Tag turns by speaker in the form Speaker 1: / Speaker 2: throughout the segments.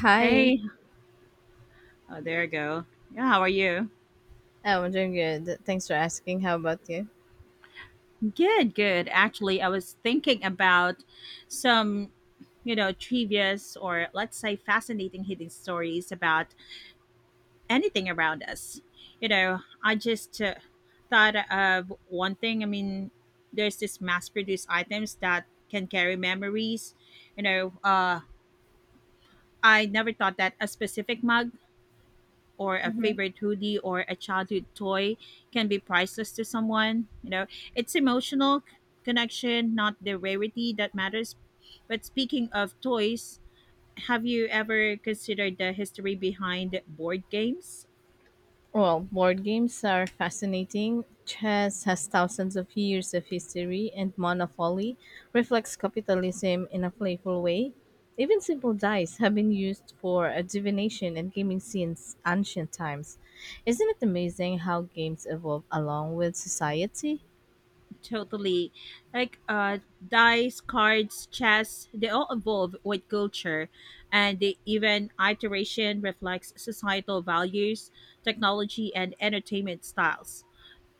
Speaker 1: Hi.
Speaker 2: Hey, oh, there you go. Yeah, how are you?
Speaker 1: Oh, I'm doing good. Thanks for asking. How about you?
Speaker 2: Good, good. Actually, I was thinking about some, trivias, or let's say fascinating hidden stories about anything around us. I just thought of one thing. I mean, there's this mass-produced items that can carry memories. You know, uh, I never thought that a specific mug or a
Speaker 1: Hmm.
Speaker 2: favorite hoodie or a childhood toy can be priceless to someone. It's emotional connection, not the rarity that matters. But speaking of toys, have you ever considered the history behind board games?
Speaker 1: Well, board games are fascinating. Chess has thousands of years of history, and Monopoly reflects capitalism in a playful way. Even simple dice have been used for divination and gaming since ancient times. Isn't it amazing how games evolve along with society?
Speaker 2: Totally. Like dice, cards, chess, they all evolve with culture and the even iteration reflects societal values, technology and entertainment styles.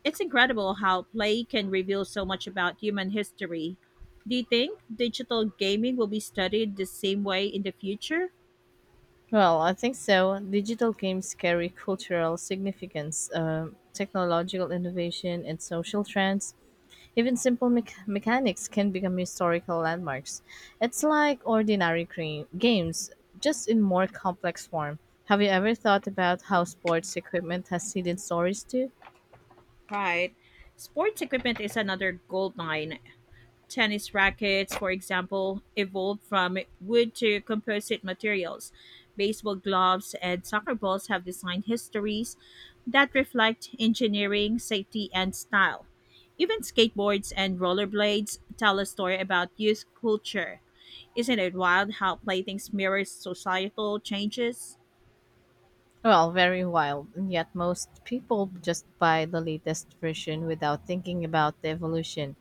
Speaker 2: It's incredible how play can reveal so much about human history. Do you think digital gaming will be studied the same way in the future?
Speaker 1: Well, I think so. Digital games carry cultural significance, technological innovation, and social trends. Even simple mechanics can become historical landmarks. It's like ordinary games, just in more complex form. Have you ever thought about how sports equipment has hidden stories too?
Speaker 2: Right. Sports equipment is another gold mine. Tennis rackets, for example, evolved from wood to composite materials. Baseball gloves and soccer balls have design histories that reflect engineering, safety, and style. Even skateboards and rollerblades tell a story about youth culture. Isn't it wild how playthings mirror societal changes?
Speaker 1: Well, very wild, and yet most people just buy the latest version without thinking about the evolution.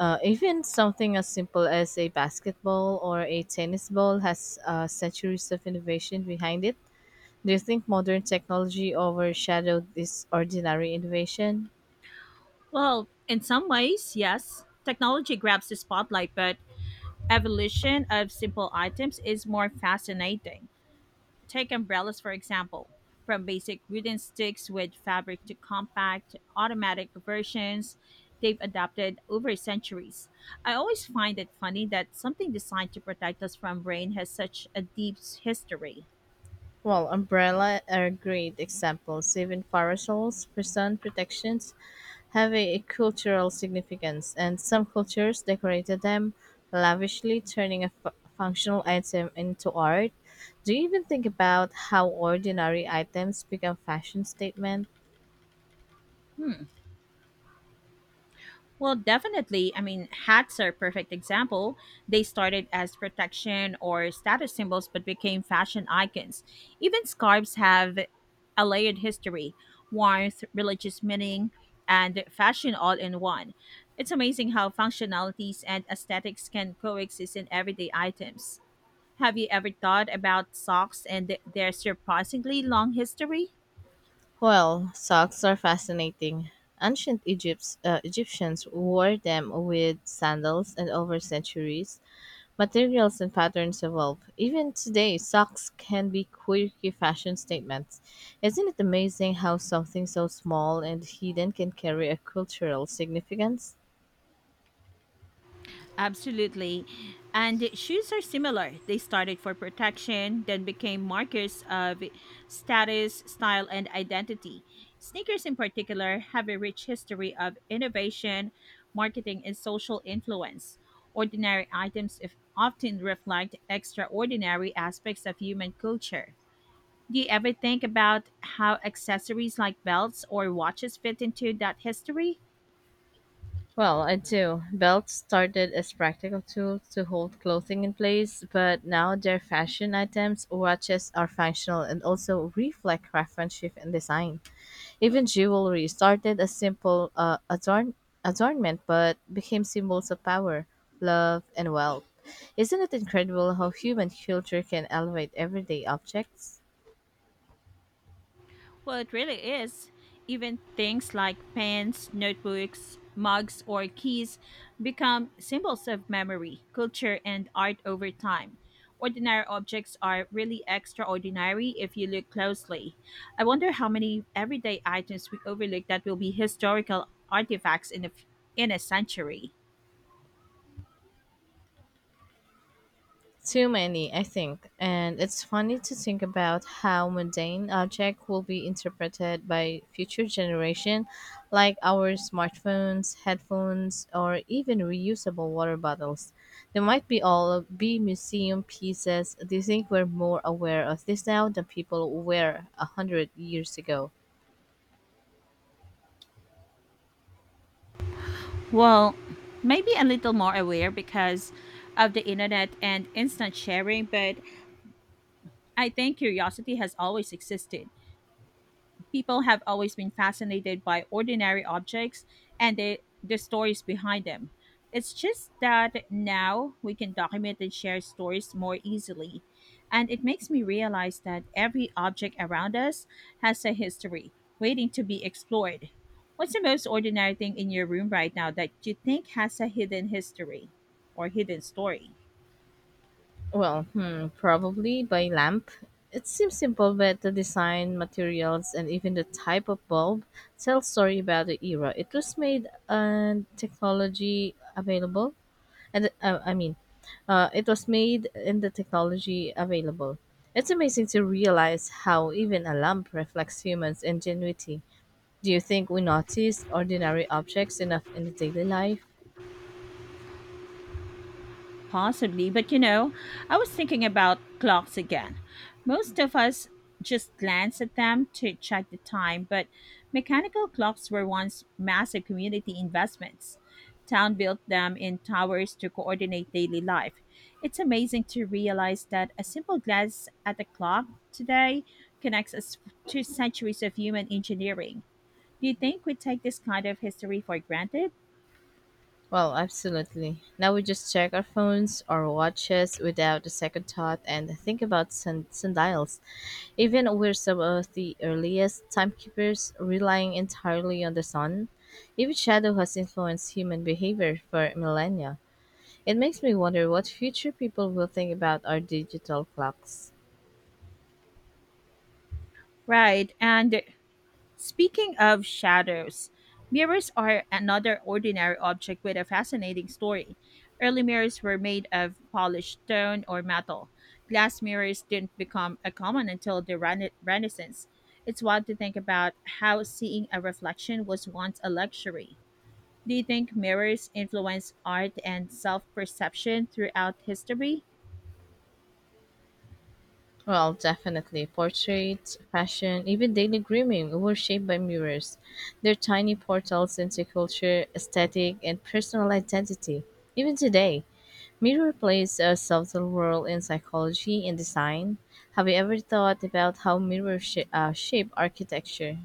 Speaker 1: Even something as simple as a basketball or a tennis ball has centuries of innovation behind it. Do you think modern technology overshadowed this ordinary innovation?
Speaker 2: Well, in some ways, yes. Technology grabs the spotlight, but evolution of simple items is more fascinating. Take umbrellas, for example. From basic wooden sticks with fabric to compact, automatic versions, they've adapted over centuries. I always find it funny that something designed to protect us from rain has such a deep history.
Speaker 1: Well, umbrella are great examples. Even parasols for sun protections have a cultural significance, and some cultures decorated them lavishly, turning a functional item into art. Do you even think about how ordinary items become fashion statements?
Speaker 2: Hmm. Well, definitely. I mean, hats are a perfect example. They started as protection or status symbols but became fashion icons. Even scarves have a layered history, warmth, religious meaning, and fashion all in one. It's amazing how functionalities and aesthetics can coexist in everyday items. Have you ever thought about socks and their surprisingly long history?
Speaker 1: Well, socks are fascinating. Ancient Egypt's, Egyptians wore them with sandals, and over centuries, materials and patterns evolved. Even today, socks can be quirky fashion statements. Isn't it amazing how something so small and hidden can carry a cultural significance?
Speaker 2: Absolutely. And shoes are similar. They started for protection, then became markers of status, style, and identity. Sneakers, in particular, have a rich history of innovation, marketing, and social influence. Ordinary items if often reflect extraordinary aspects of human culture. Do you ever think about how accessories like belts or watches fit into that history?
Speaker 1: Well, I do. Belts started as practical tools to hold clothing in place, but now they're fashion items. Watches are functional and also reflect craftsmanship and design. Even jewelry started as simple adornment, but became symbols of power, love, and wealth. Isn't it incredible how human culture can elevate everyday objects?
Speaker 2: Well, it really is. Even things like pens, notebooks, mugs, or keys become symbols of memory, culture, and art over time. Ordinary objects are really extraordinary if you look closely. I wonder how many everyday items we overlook that will be historical artifacts in a century.
Speaker 1: Too many, I think. And it's funny to think about how mundane objects will be interpreted by future generation, like our smartphones, headphones, or even reusable water bottles. They might be all be museum pieces. Do you think we're more aware of this now than people were a hundred years ago?
Speaker 2: Well, maybe a little more aware because of the internet and instant sharing, but I think curiosity has always existed, people have always been fascinated by ordinary objects and the stories behind them. It's just that now we can document and share stories more easily. And it makes me realize that every object around us has a history waiting to be explored. What's the most ordinary thing in your room right now that you think has a hidden history or hidden story?
Speaker 1: Well, hmm, probably by lamp. It seems simple, but the design, materials, and even the type of bulb tell story about the era it was made and technology available. And it was made and the technology available. It's amazing to realize how even a lamp reflects humans' ingenuity. Do you think we notice ordinary objects enough in the daily life?
Speaker 2: Possibly, but I was thinking about clocks again. Most of us just glance at them to check the time, but mechanical clocks were once massive community investments. Town built them in towers to coordinate daily life. It's amazing to realize that a simple glance at a clock today connects us to centuries of human engineering. Do you think we take this kind of history for granted?
Speaker 1: Well, absolutely. Now we just check our phones or watches without a second thought and think about sundials. Even we're some of the earliest timekeepers relying entirely on the sun. Even shadow has influenced human behavior for millennia. It makes me wonder what future people will think about our digital clocks.
Speaker 2: Right, and speaking of shadows, mirrors are another ordinary object with a fascinating story. Early mirrors were made of polished stone or metal. Glass mirrors didn't become a common until the Renaissance. It's wild to think about how seeing a reflection was once a luxury. Do you think mirrors influence art and self perception throughout history?
Speaker 1: Well, definitely. Portraits, fashion, even daily grooming were shaped by mirrors. They're tiny portals into culture, aesthetic, and personal identity. Even today, mirror plays a subtle role in psychology and design. Have you ever thought about how mirrors shape architecture?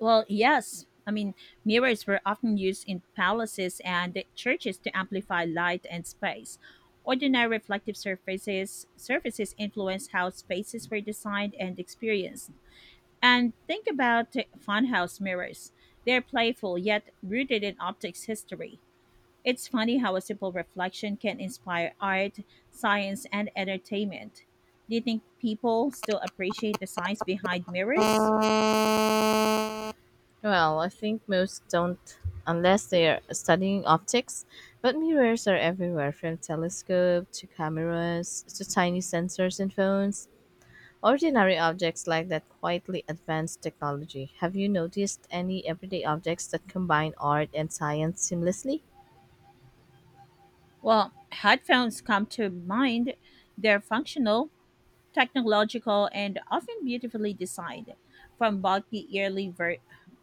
Speaker 2: Well, yes. I mean, mirrors were often used in palaces and churches to amplify light and space. Ordinary reflective surfaces influence how spaces were designed and experienced. And think about funhouse mirrors. They're playful yet rooted in optics history. It's funny how a simple reflection can inspire art, science, and entertainment. Do you think people still appreciate the science behind mirrors?
Speaker 1: Well, I think most don't unless they are studying optics, but mirrors are everywhere from telescope to cameras to tiny sensors in phones. Ordinary objects like that quietly advance technology. Have you noticed any everyday objects that combine art and science seamlessly?
Speaker 2: Well, headphones come to mind. They're functional, technological, and often beautifully designed. From bulky early ver-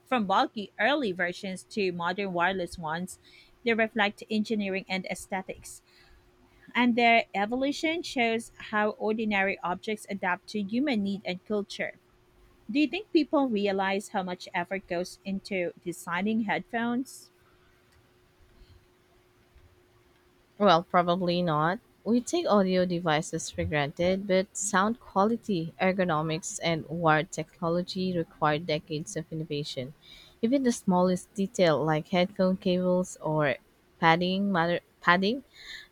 Speaker 2: from bulky early versions to modern wireless ones, they reflect engineering and aesthetics. And their evolution shows how ordinary objects adapt to human need and culture. Do you think people realize how much effort goes into designing headphones?
Speaker 1: Well, probably not. We take audio devices for granted, but sound quality, ergonomics, and wired technology require decades of innovation. Even the smallest detail, like headphone cables or padding,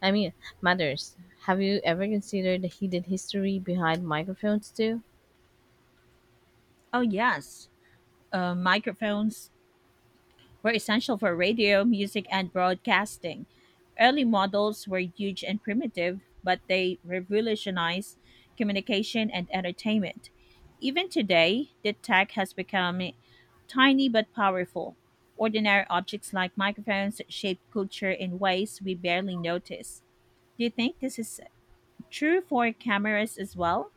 Speaker 1: I mean, matters. Have you ever considered the hidden history behind microphones too?
Speaker 2: Oh, yes. Microphones were essential for radio, music, and broadcasting. Early models were huge and primitive, but they revolutionized communication and entertainment. Even today, the tech has become tiny but powerful. Ordinary objects like microphones shape culture in ways we barely notice. Do you think this is true for cameras as well?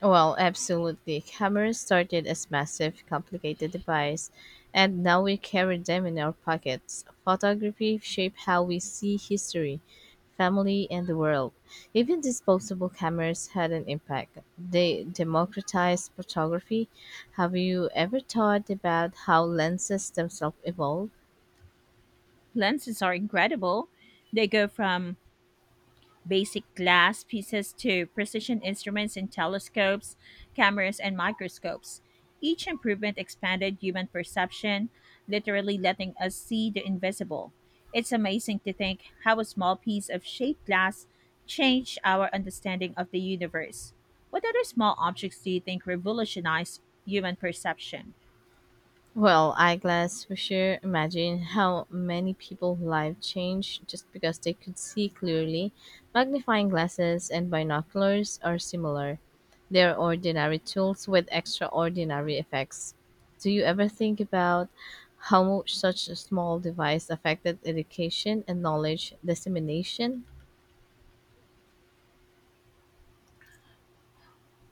Speaker 1: Well, absolutely. Cameras started as massive, complicated device, and now we carry them in our pockets. Photography shaped how we see history, family, and the world. Even disposable cameras had an impact. They democratized photography. Have you ever thought about how lenses themselves evolved?
Speaker 2: Lenses are incredible. They go from basic glass pieces to precision instruments in telescopes, cameras, and microscopes. Each improvement expanded human perception, literally letting us see the invisible. It's amazing to think how a small piece of shaped glass changed our understanding of the universe. What other small objects do you think revolutionized human perception?
Speaker 1: Well, eyeglass for sure. Imagine how many people's life changed just because they could see clearly. Magnifying glasses and binoculars are similar. They're ordinary tools with extraordinary effects. Do you ever think about how much such a small device affected education and knowledge dissemination?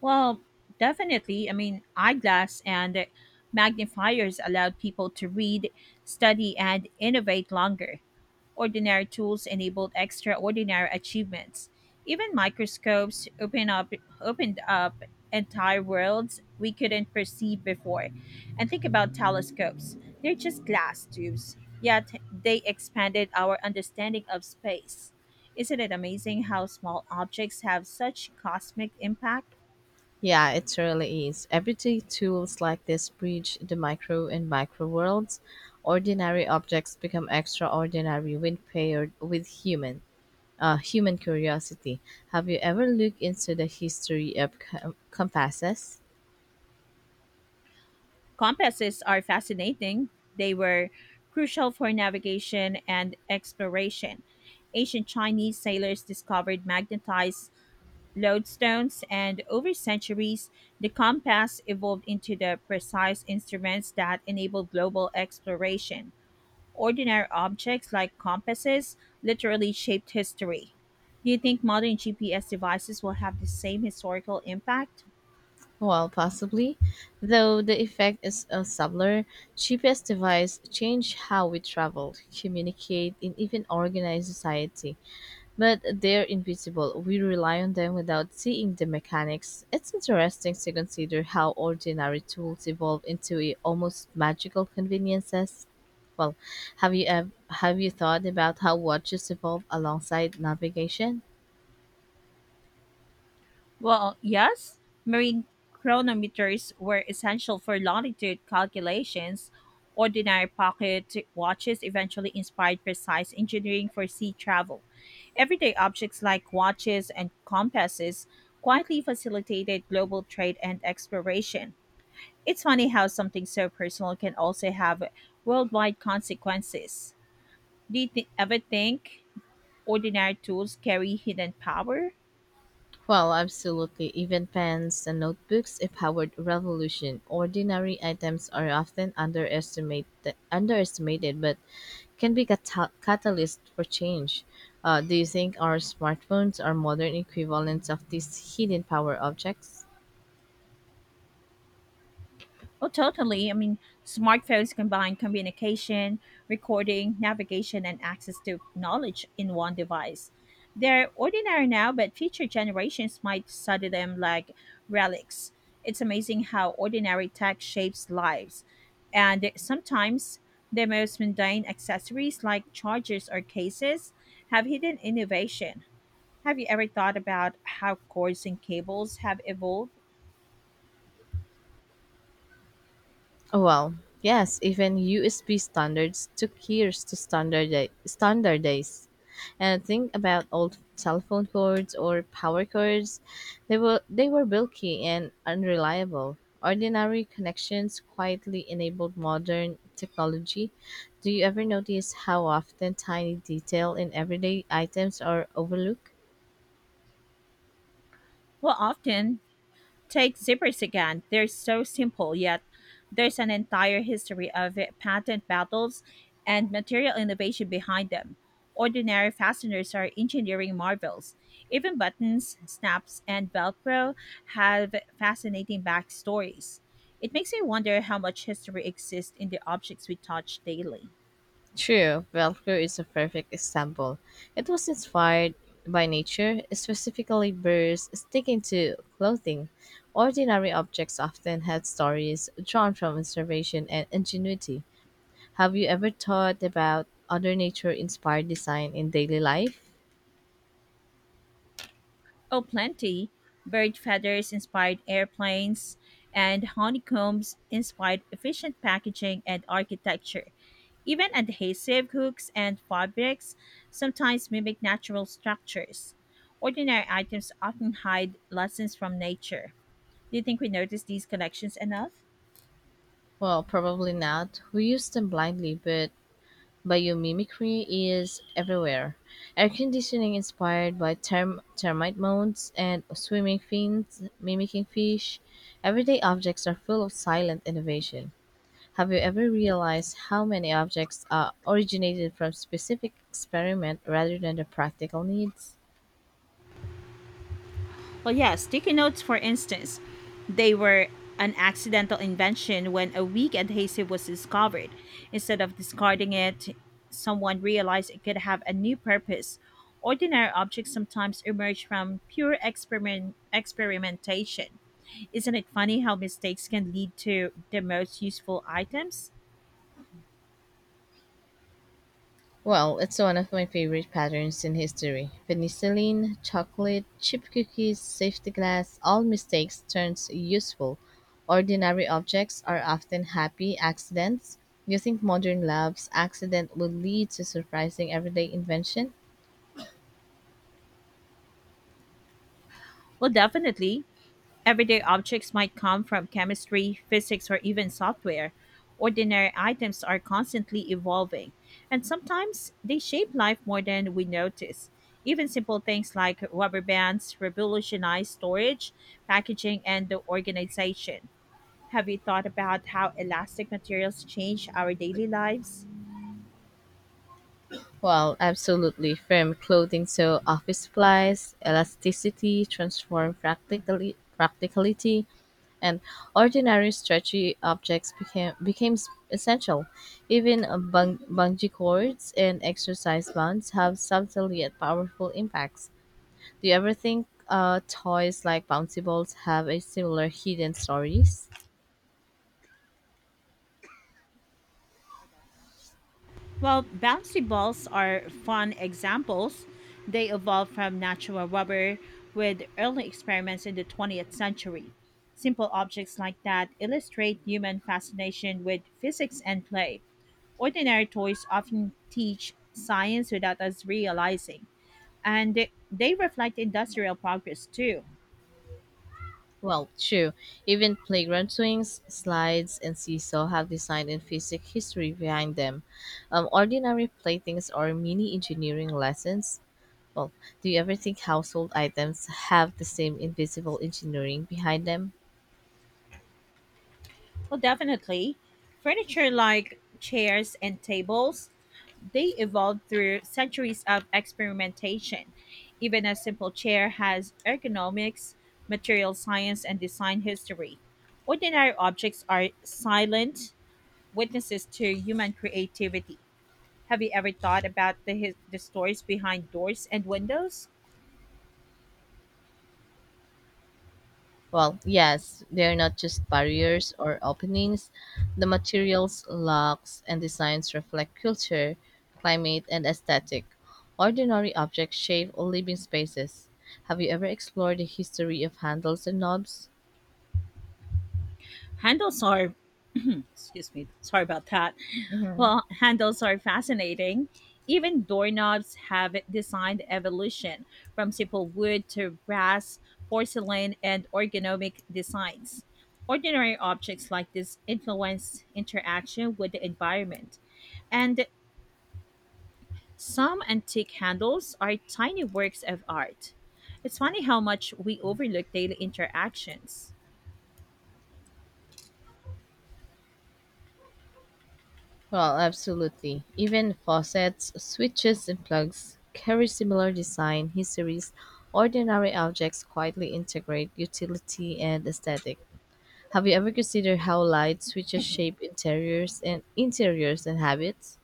Speaker 2: Well, definitely. I mean, eyeglass and magnifiers allowed people to read, study, and innovate longer. Ordinary tools enabled extraordinary achievements. Even microscopes opened up entire worlds we couldn't perceive before. And think about telescopes. They're just glass tubes, yet they expanded our understanding of space. Isn't it amazing how small objects have such cosmic impact?
Speaker 1: Yeah, it really is. Everyday tools like this bridge the micro and macro worlds. Ordinary objects become extraordinary when paired with human curiosity. Have you ever looked into the history of compasses?
Speaker 2: Compasses are fascinating. They were crucial for navigation and exploration. Ancient Chinese sailors discovered magnetized lodestones, and over centuries, the compass evolved into the precise instruments that enabled global exploration. Ordinary objects like compasses literally shaped history. Do you think modern GPS devices will have the same historical impact?
Speaker 1: Well, possibly, though the effect is a subtler. GPS device change how we travel, communicate, and even organize society. But they're invisible. We rely on them without seeing the mechanics. It's interesting to consider how ordinary tools evolve into almost magical conveniences. Well, have you ev- have you thought about how watches evolve alongside navigation?
Speaker 2: Well, yes, marine chronometers were essential for longitude calculations. Ordinary pocket watches eventually inspired precise engineering for sea travel. Everyday objects like watches and compasses quietly facilitated global trade and exploration. It's funny how something so personal can also have worldwide consequences. Do you ever think ordinary tools carry hidden power?
Speaker 1: Well, absolutely. Even pens and notebooks empowered revolution. Ordinary items are often underestimated but can be catalyst for change. Do you think our smartphones are modern equivalents of these hidden power objects?
Speaker 2: Oh, totally. I mean, smartphones combine communication, recording, navigation, and access to knowledge in one device. They're ordinary now, but future generations might study them like relics. It's amazing how ordinary tech shapes lives. And sometimes the most mundane accessories like chargers or cases have hidden innovation. Have you ever thought about how cords and cables have evolved?
Speaker 1: Well, yes, even USB standards took years to standardize. And think about old telephone cords or power cords. They were bulky and unreliable. Ordinary connections quietly enabled modern technology. Do you ever notice how often tiny detail in everyday items are overlooked?
Speaker 2: Well, often take zippers again. They're so simple, yet there's an entire history of patent battles and material innovation behind them. Ordinary fasteners are engineering marvels. Even buttons, snaps, and Velcro have fascinating backstories. It makes me wonder how much history exists in the objects we touch daily.
Speaker 1: True, Velcro is a perfect example. It was inspired by nature, specifically birds sticking to clothing. Ordinary objects often had stories drawn from observation and ingenuity. Have you ever thought about other nature inspired design in daily life?
Speaker 2: Oh, plenty. Bird feathers inspired airplanes, and honeycombs inspired efficient packaging and architecture. Even adhesive hooks and fabrics sometimes mimic natural structures. Ordinary items often hide lessons from nature. Do you think we notice these connections enough?
Speaker 1: Well, probably not. We use them blindly, but biomimicry is everywhere. Air conditioning inspired by termite mounds and swimming fins mimicking fish. Everyday objects are full of silent innovation. Have you ever realized how many objects are originated from specific experiment rather than the practical needs?
Speaker 2: Well, yeah, sticky notes, for instance, they were an accidental invention when a weak adhesive was discovered. Instead of discarding it, someone realized it could have a new purpose. Ordinary objects sometimes emerge from pure experimentation. Isn't it funny how mistakes can lead to the most useful items?
Speaker 1: Well, it's one of my favorite patterns in history. Penicillin, chocolate, chip cookies, safety glass, all mistakes turns useful. Ordinary objects are often happy accidents. You think modern labs accident would lead to surprising everyday invention?
Speaker 2: Well, definitely. Everyday objects might come from chemistry, physics, or even software. Ordinary items are constantly evolving, and sometimes they shape life more than we notice. Even simple things like rubber bands revolutionize storage, packaging, and the organization. Have you thought about how elastic materials change our daily lives?
Speaker 1: Well, absolutely. Firm clothing so office supplies, elasticity transform practically practicality, and ordinary stretchy objects became essential. Even bungee cords and exercise bands have subtle yet powerful impacts. Do you ever think toys like bouncy balls have a similar hidden stories?
Speaker 2: Well, bouncy balls are fun examples. They evolved from natural rubber with early experiments in the 20th century. Simple objects like that illustrate human fascination with physics and play. Ordinary toys often teach science without us realizing, and they reflect industrial progress too.
Speaker 1: Well, true. Even playground swings, slides, and seesaw have design and physics history behind them. Ordinary playthings are mini engineering lessons. Well, do you ever think household items have the same invisible engineering behind them?
Speaker 2: Well, definitely. Furniture like chairs and tables, they evolved through centuries of experimentation. Even a simple chair has ergonomics, material science, and design history. Ordinary objects are silent witnesses to human creativity. Have you ever thought about the stories behind doors and windows?
Speaker 1: Well, yes, they're not just barriers or openings. The materials, locks, and designs reflect culture, climate, and aesthetic. Ordinary objects shape living spaces. Have you ever explored the history of handles and knobs?
Speaker 2: Handles are hmm, excuse me. Sorry about that.
Speaker 1: Mhm.
Speaker 2: Well, handles are fascinating. Even doorknobs have designed evolution from simple wood to brass, porcelain, and ergonomic designs. Ordinary objects like this influence interaction with the environment, and some antique handles are tiny works of art. It's funny how much we overlook daily interactions.
Speaker 1: Well, absolutely. Even faucets, switches, and plugs carry similar design histories. Ordinary objects quietly integrate utility and aesthetic. Have you ever considered how light switches shape interiors and habits?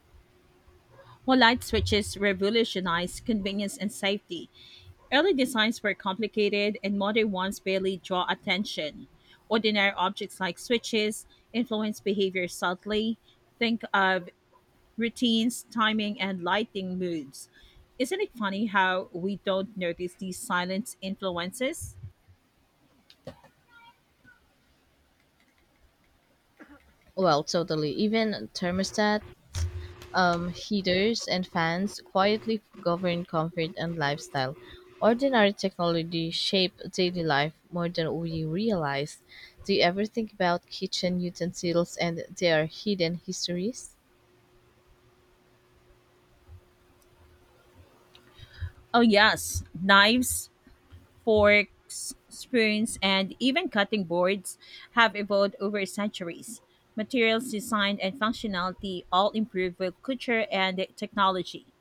Speaker 2: Well, light switches revolutionized convenience and safety. Early designs were complicated, and modern ones barely draw attention. Ordinary objects like switches influence behavior subtly. Think of routines, timing, and lighting moods. Isn't it funny how we don't notice these silent influences?
Speaker 1: Well, totally. Even thermostats, heaters, and fans quietly govern comfort and lifestyle. Ordinary technology shape daily life more than we realize. Do you ever think about kitchen utensils and their hidden histories?
Speaker 2: Oh, yes, knives, forks, spoons, and even cutting boards have evolved over centuries. Materials, design, and functionality all improve with culture and technology.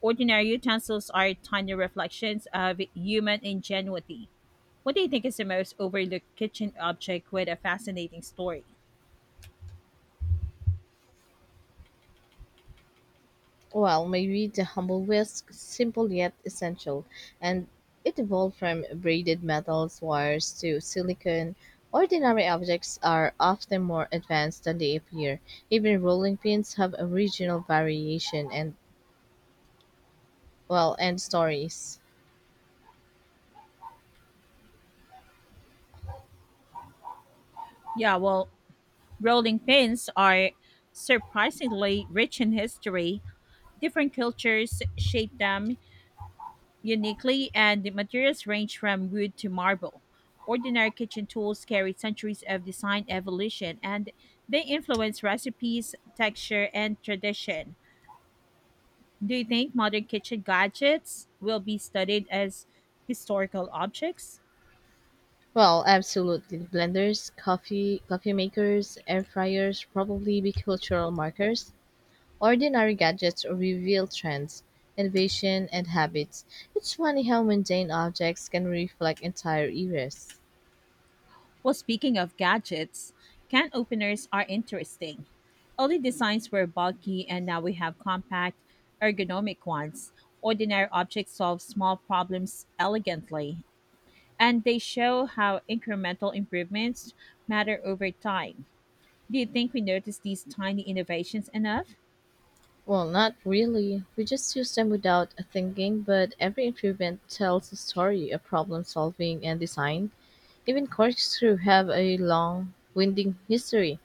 Speaker 2: Ordinary utensils are tiny reflections of human ingenuity. What do you think is the most overlooked kitchen object with a fascinating story?
Speaker 1: Well, maybe the humble whisk, simple yet essential, and it evolved from braided metals wires to silicone. Ordinary objects are often more advanced than they appear. Even rolling pins have original variation and well, and stories.
Speaker 2: Yeah, well, rolling pins are surprisingly rich in history. Different cultures shape them uniquely, and the materials range from wood to marble. Ordinary kitchen tools carry centuries of design evolution, and they influence recipes, texture, and tradition. Do you think modern kitchen gadgets will be studied as historical objects?
Speaker 1: Well, absolutely. Blenders, coffee makers, air fryers probably be cultural markers. Ordinary gadgets reveal trends, innovation, and habits. It's funny how mundane objects can reflect entire eras.
Speaker 2: Well, speaking of gadgets, can openers are interesting. Early designs were bulky, and now we have compact, ergonomic ones. Ordinary objects solve small problems elegantly, and they show how incremental improvements matter over time. Do you think we notice these tiny innovations enough?
Speaker 1: Well, not really. We just use them without thinking, but every improvement tells a story of problem solving and design. Even corkscrew have a long, winding history.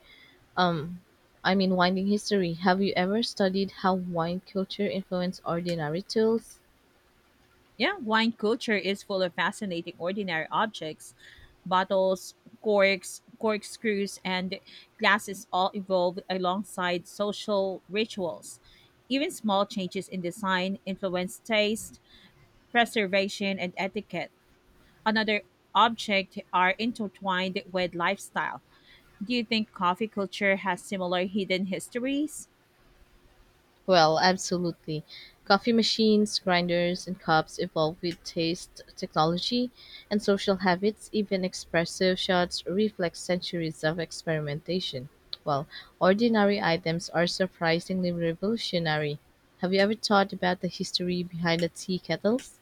Speaker 1: Um, winding history. Have you ever studied how wine culture influenced ordinary tools?
Speaker 2: Yeah, wine culture is full of fascinating ordinary objects. Bottles, corks, corkscrews, and glasses all evolved alongside social rituals. Even small changes in design influence taste, preservation, and etiquette. Another object are intertwined with lifestyle. Do you think coffee culture has similar hidden histories?
Speaker 1: Well, absolutely. Coffee machines, grinders, and cups evolve with taste, technology, and social habits. Even espresso shots reflect centuries of experimentation. Well, ordinary items are surprisingly revolutionary. Have you ever thought about the history behind the tea kettles?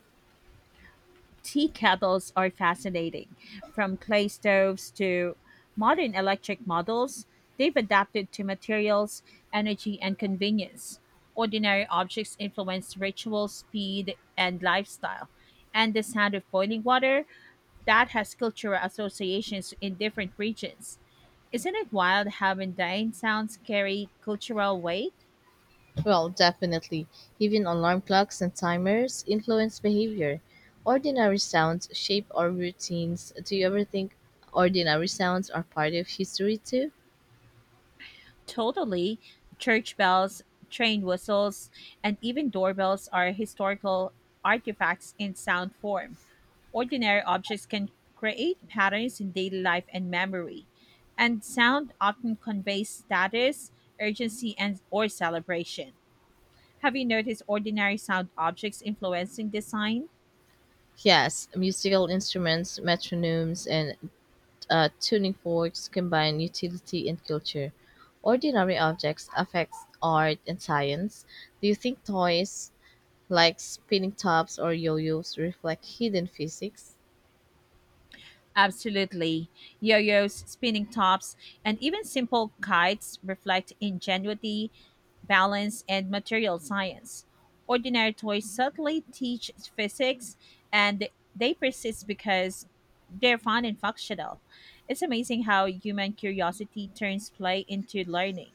Speaker 2: Tea kettles are fascinating. From clay stoves to modern electric models, they've adapted to materials, energy, and convenience. Ordinary objects influence ritual, speed, and lifestyle. And the sound of boiling water, that has cultural associations in different regions. Isn't it wild how mundane sounds carry cultural weight?
Speaker 1: Well, definitely. Even alarm clocks and timers influence behavior. Ordinary sounds shape our routines. Do you ever think ordinary sounds are part of history too?
Speaker 2: Totally. Church bells, train whistles, and even doorbells are historical artifacts in sound form. Ordinary objects can create patterns in daily life and memory, and sound often conveys status, urgency, and or celebration. Have you noticed ordinary sound objects influencing design?
Speaker 1: Yes, musical instruments, metronomes, and tuning forks combine utility and culture. Ordinary objects affect art and science. Do you think toys like spinning tops or yo-yos reflect hidden physics?
Speaker 2: Absolutely. Yo yos, spinning tops, and even simple kites reflect ingenuity, balance, and material science. Ordinary toys subtly teach physics, and they persist because they're fun and functional. It's amazing how human curiosity turns play into learning.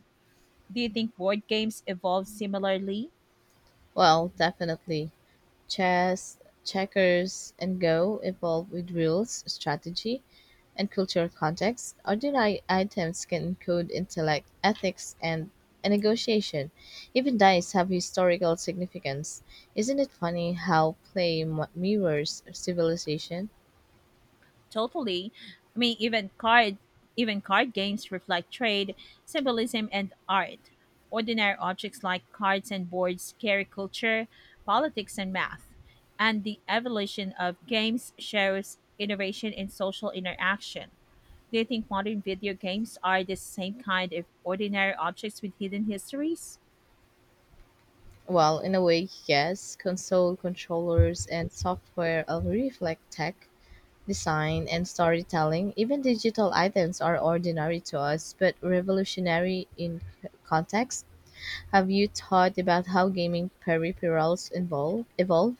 Speaker 2: Do you think board games evolve similarly?
Speaker 1: Well, definitely. Chess, checkers, and Go evolve with rules, strategy, and cultural context. Ordinary items can encode intellect, ethics, and a negotiation. Even dice have historical significance. Isn't it funny how mirrors civilization?
Speaker 2: Totally. I mean, even card games reflect trade, symbolism, and art. Ordinary objects like cards and boards carry culture, politics, and math. And the evolution of games shows innovation in social interaction. Do you think modern video games are the same kind of ordinary objects with hidden histories?
Speaker 1: Well, in a way, yes. Console controllers and software all reflect tech, design, and storytelling, even digital items are ordinary to us but revolutionary in context. Have you thought about how gaming peripherals evolve?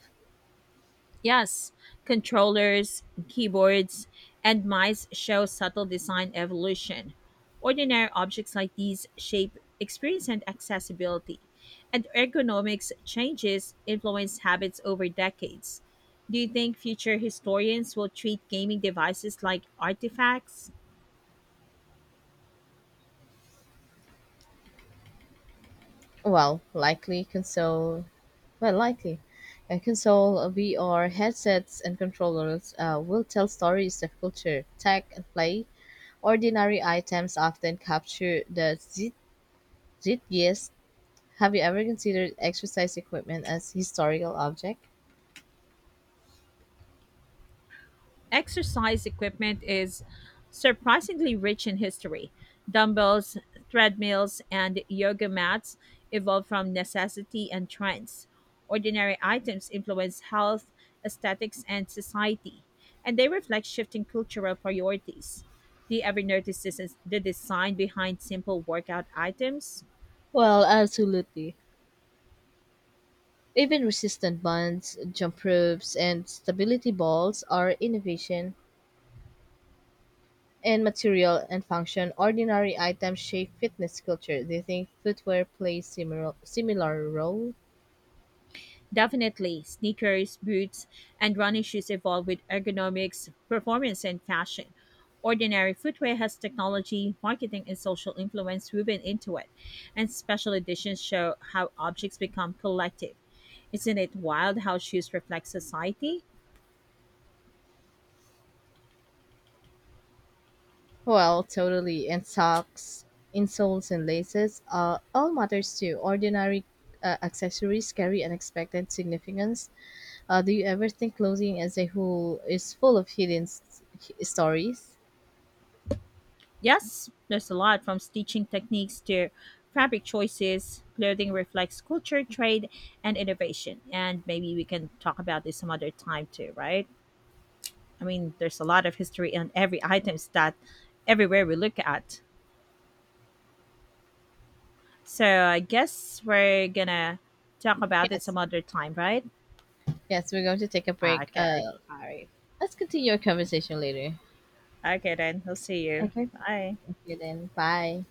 Speaker 2: Yes, controllers, keyboards, and mice show subtle design evolution. Ordinary objects like these shape experience and accessibility, and ergonomics changes influence habits over decades. Do you think future historians will treat gaming devices like artifacts?
Speaker 1: Well, likely console. Well, likely. A console, VR headsets, and controllers will tell stories of culture, tech, and play. Ordinary items often capture the zeitgeist. Have you ever considered exercise equipment as historical object?
Speaker 2: Exercise equipment is surprisingly rich in history. Dumbbells, treadmills, and yoga mats evolved from necessity and trends. Ordinary items influence health, aesthetics, and society, and they reflect shifting cultural priorities. Do you ever notice this is the design behind simple workout items?
Speaker 1: Well, absolutely. Even resistant bonds, jump ropes, and stability balls are innovation and material and function. Ordinary items shape fitness culture. Do you think footwear plays similar role?
Speaker 2: Definitely, sneakers, boots, and running shoes evolve with ergonomics, performance, and fashion. Ordinary footwear has technology, marketing, and social influence woven into it, and special editions show how objects become collective. Isn't it wild how shoes reflect society?
Speaker 1: Well, totally. And socks, insoles, and laces all matters too. Ordinary accessories carry unexpected significance. Do you ever think clothing as a whole is full of stories?
Speaker 2: Yes, there's a lot from stitching techniques to fabric choices. Clothing reflects culture, trade, and innovation. And maybe we can talk about this some other time too, right? I mean, there's a lot of history on every items that everywhere we look at. So I guess we're gonna talk about it
Speaker 1: Yes.
Speaker 2: some other time, right?
Speaker 1: Yes, we're going to take a break.
Speaker 2: Okay. All right.
Speaker 1: Let's continue our conversation later.
Speaker 2: Okay then. I'll see you.
Speaker 1: Okay.
Speaker 2: Bye.
Speaker 1: Okay, then. Bye.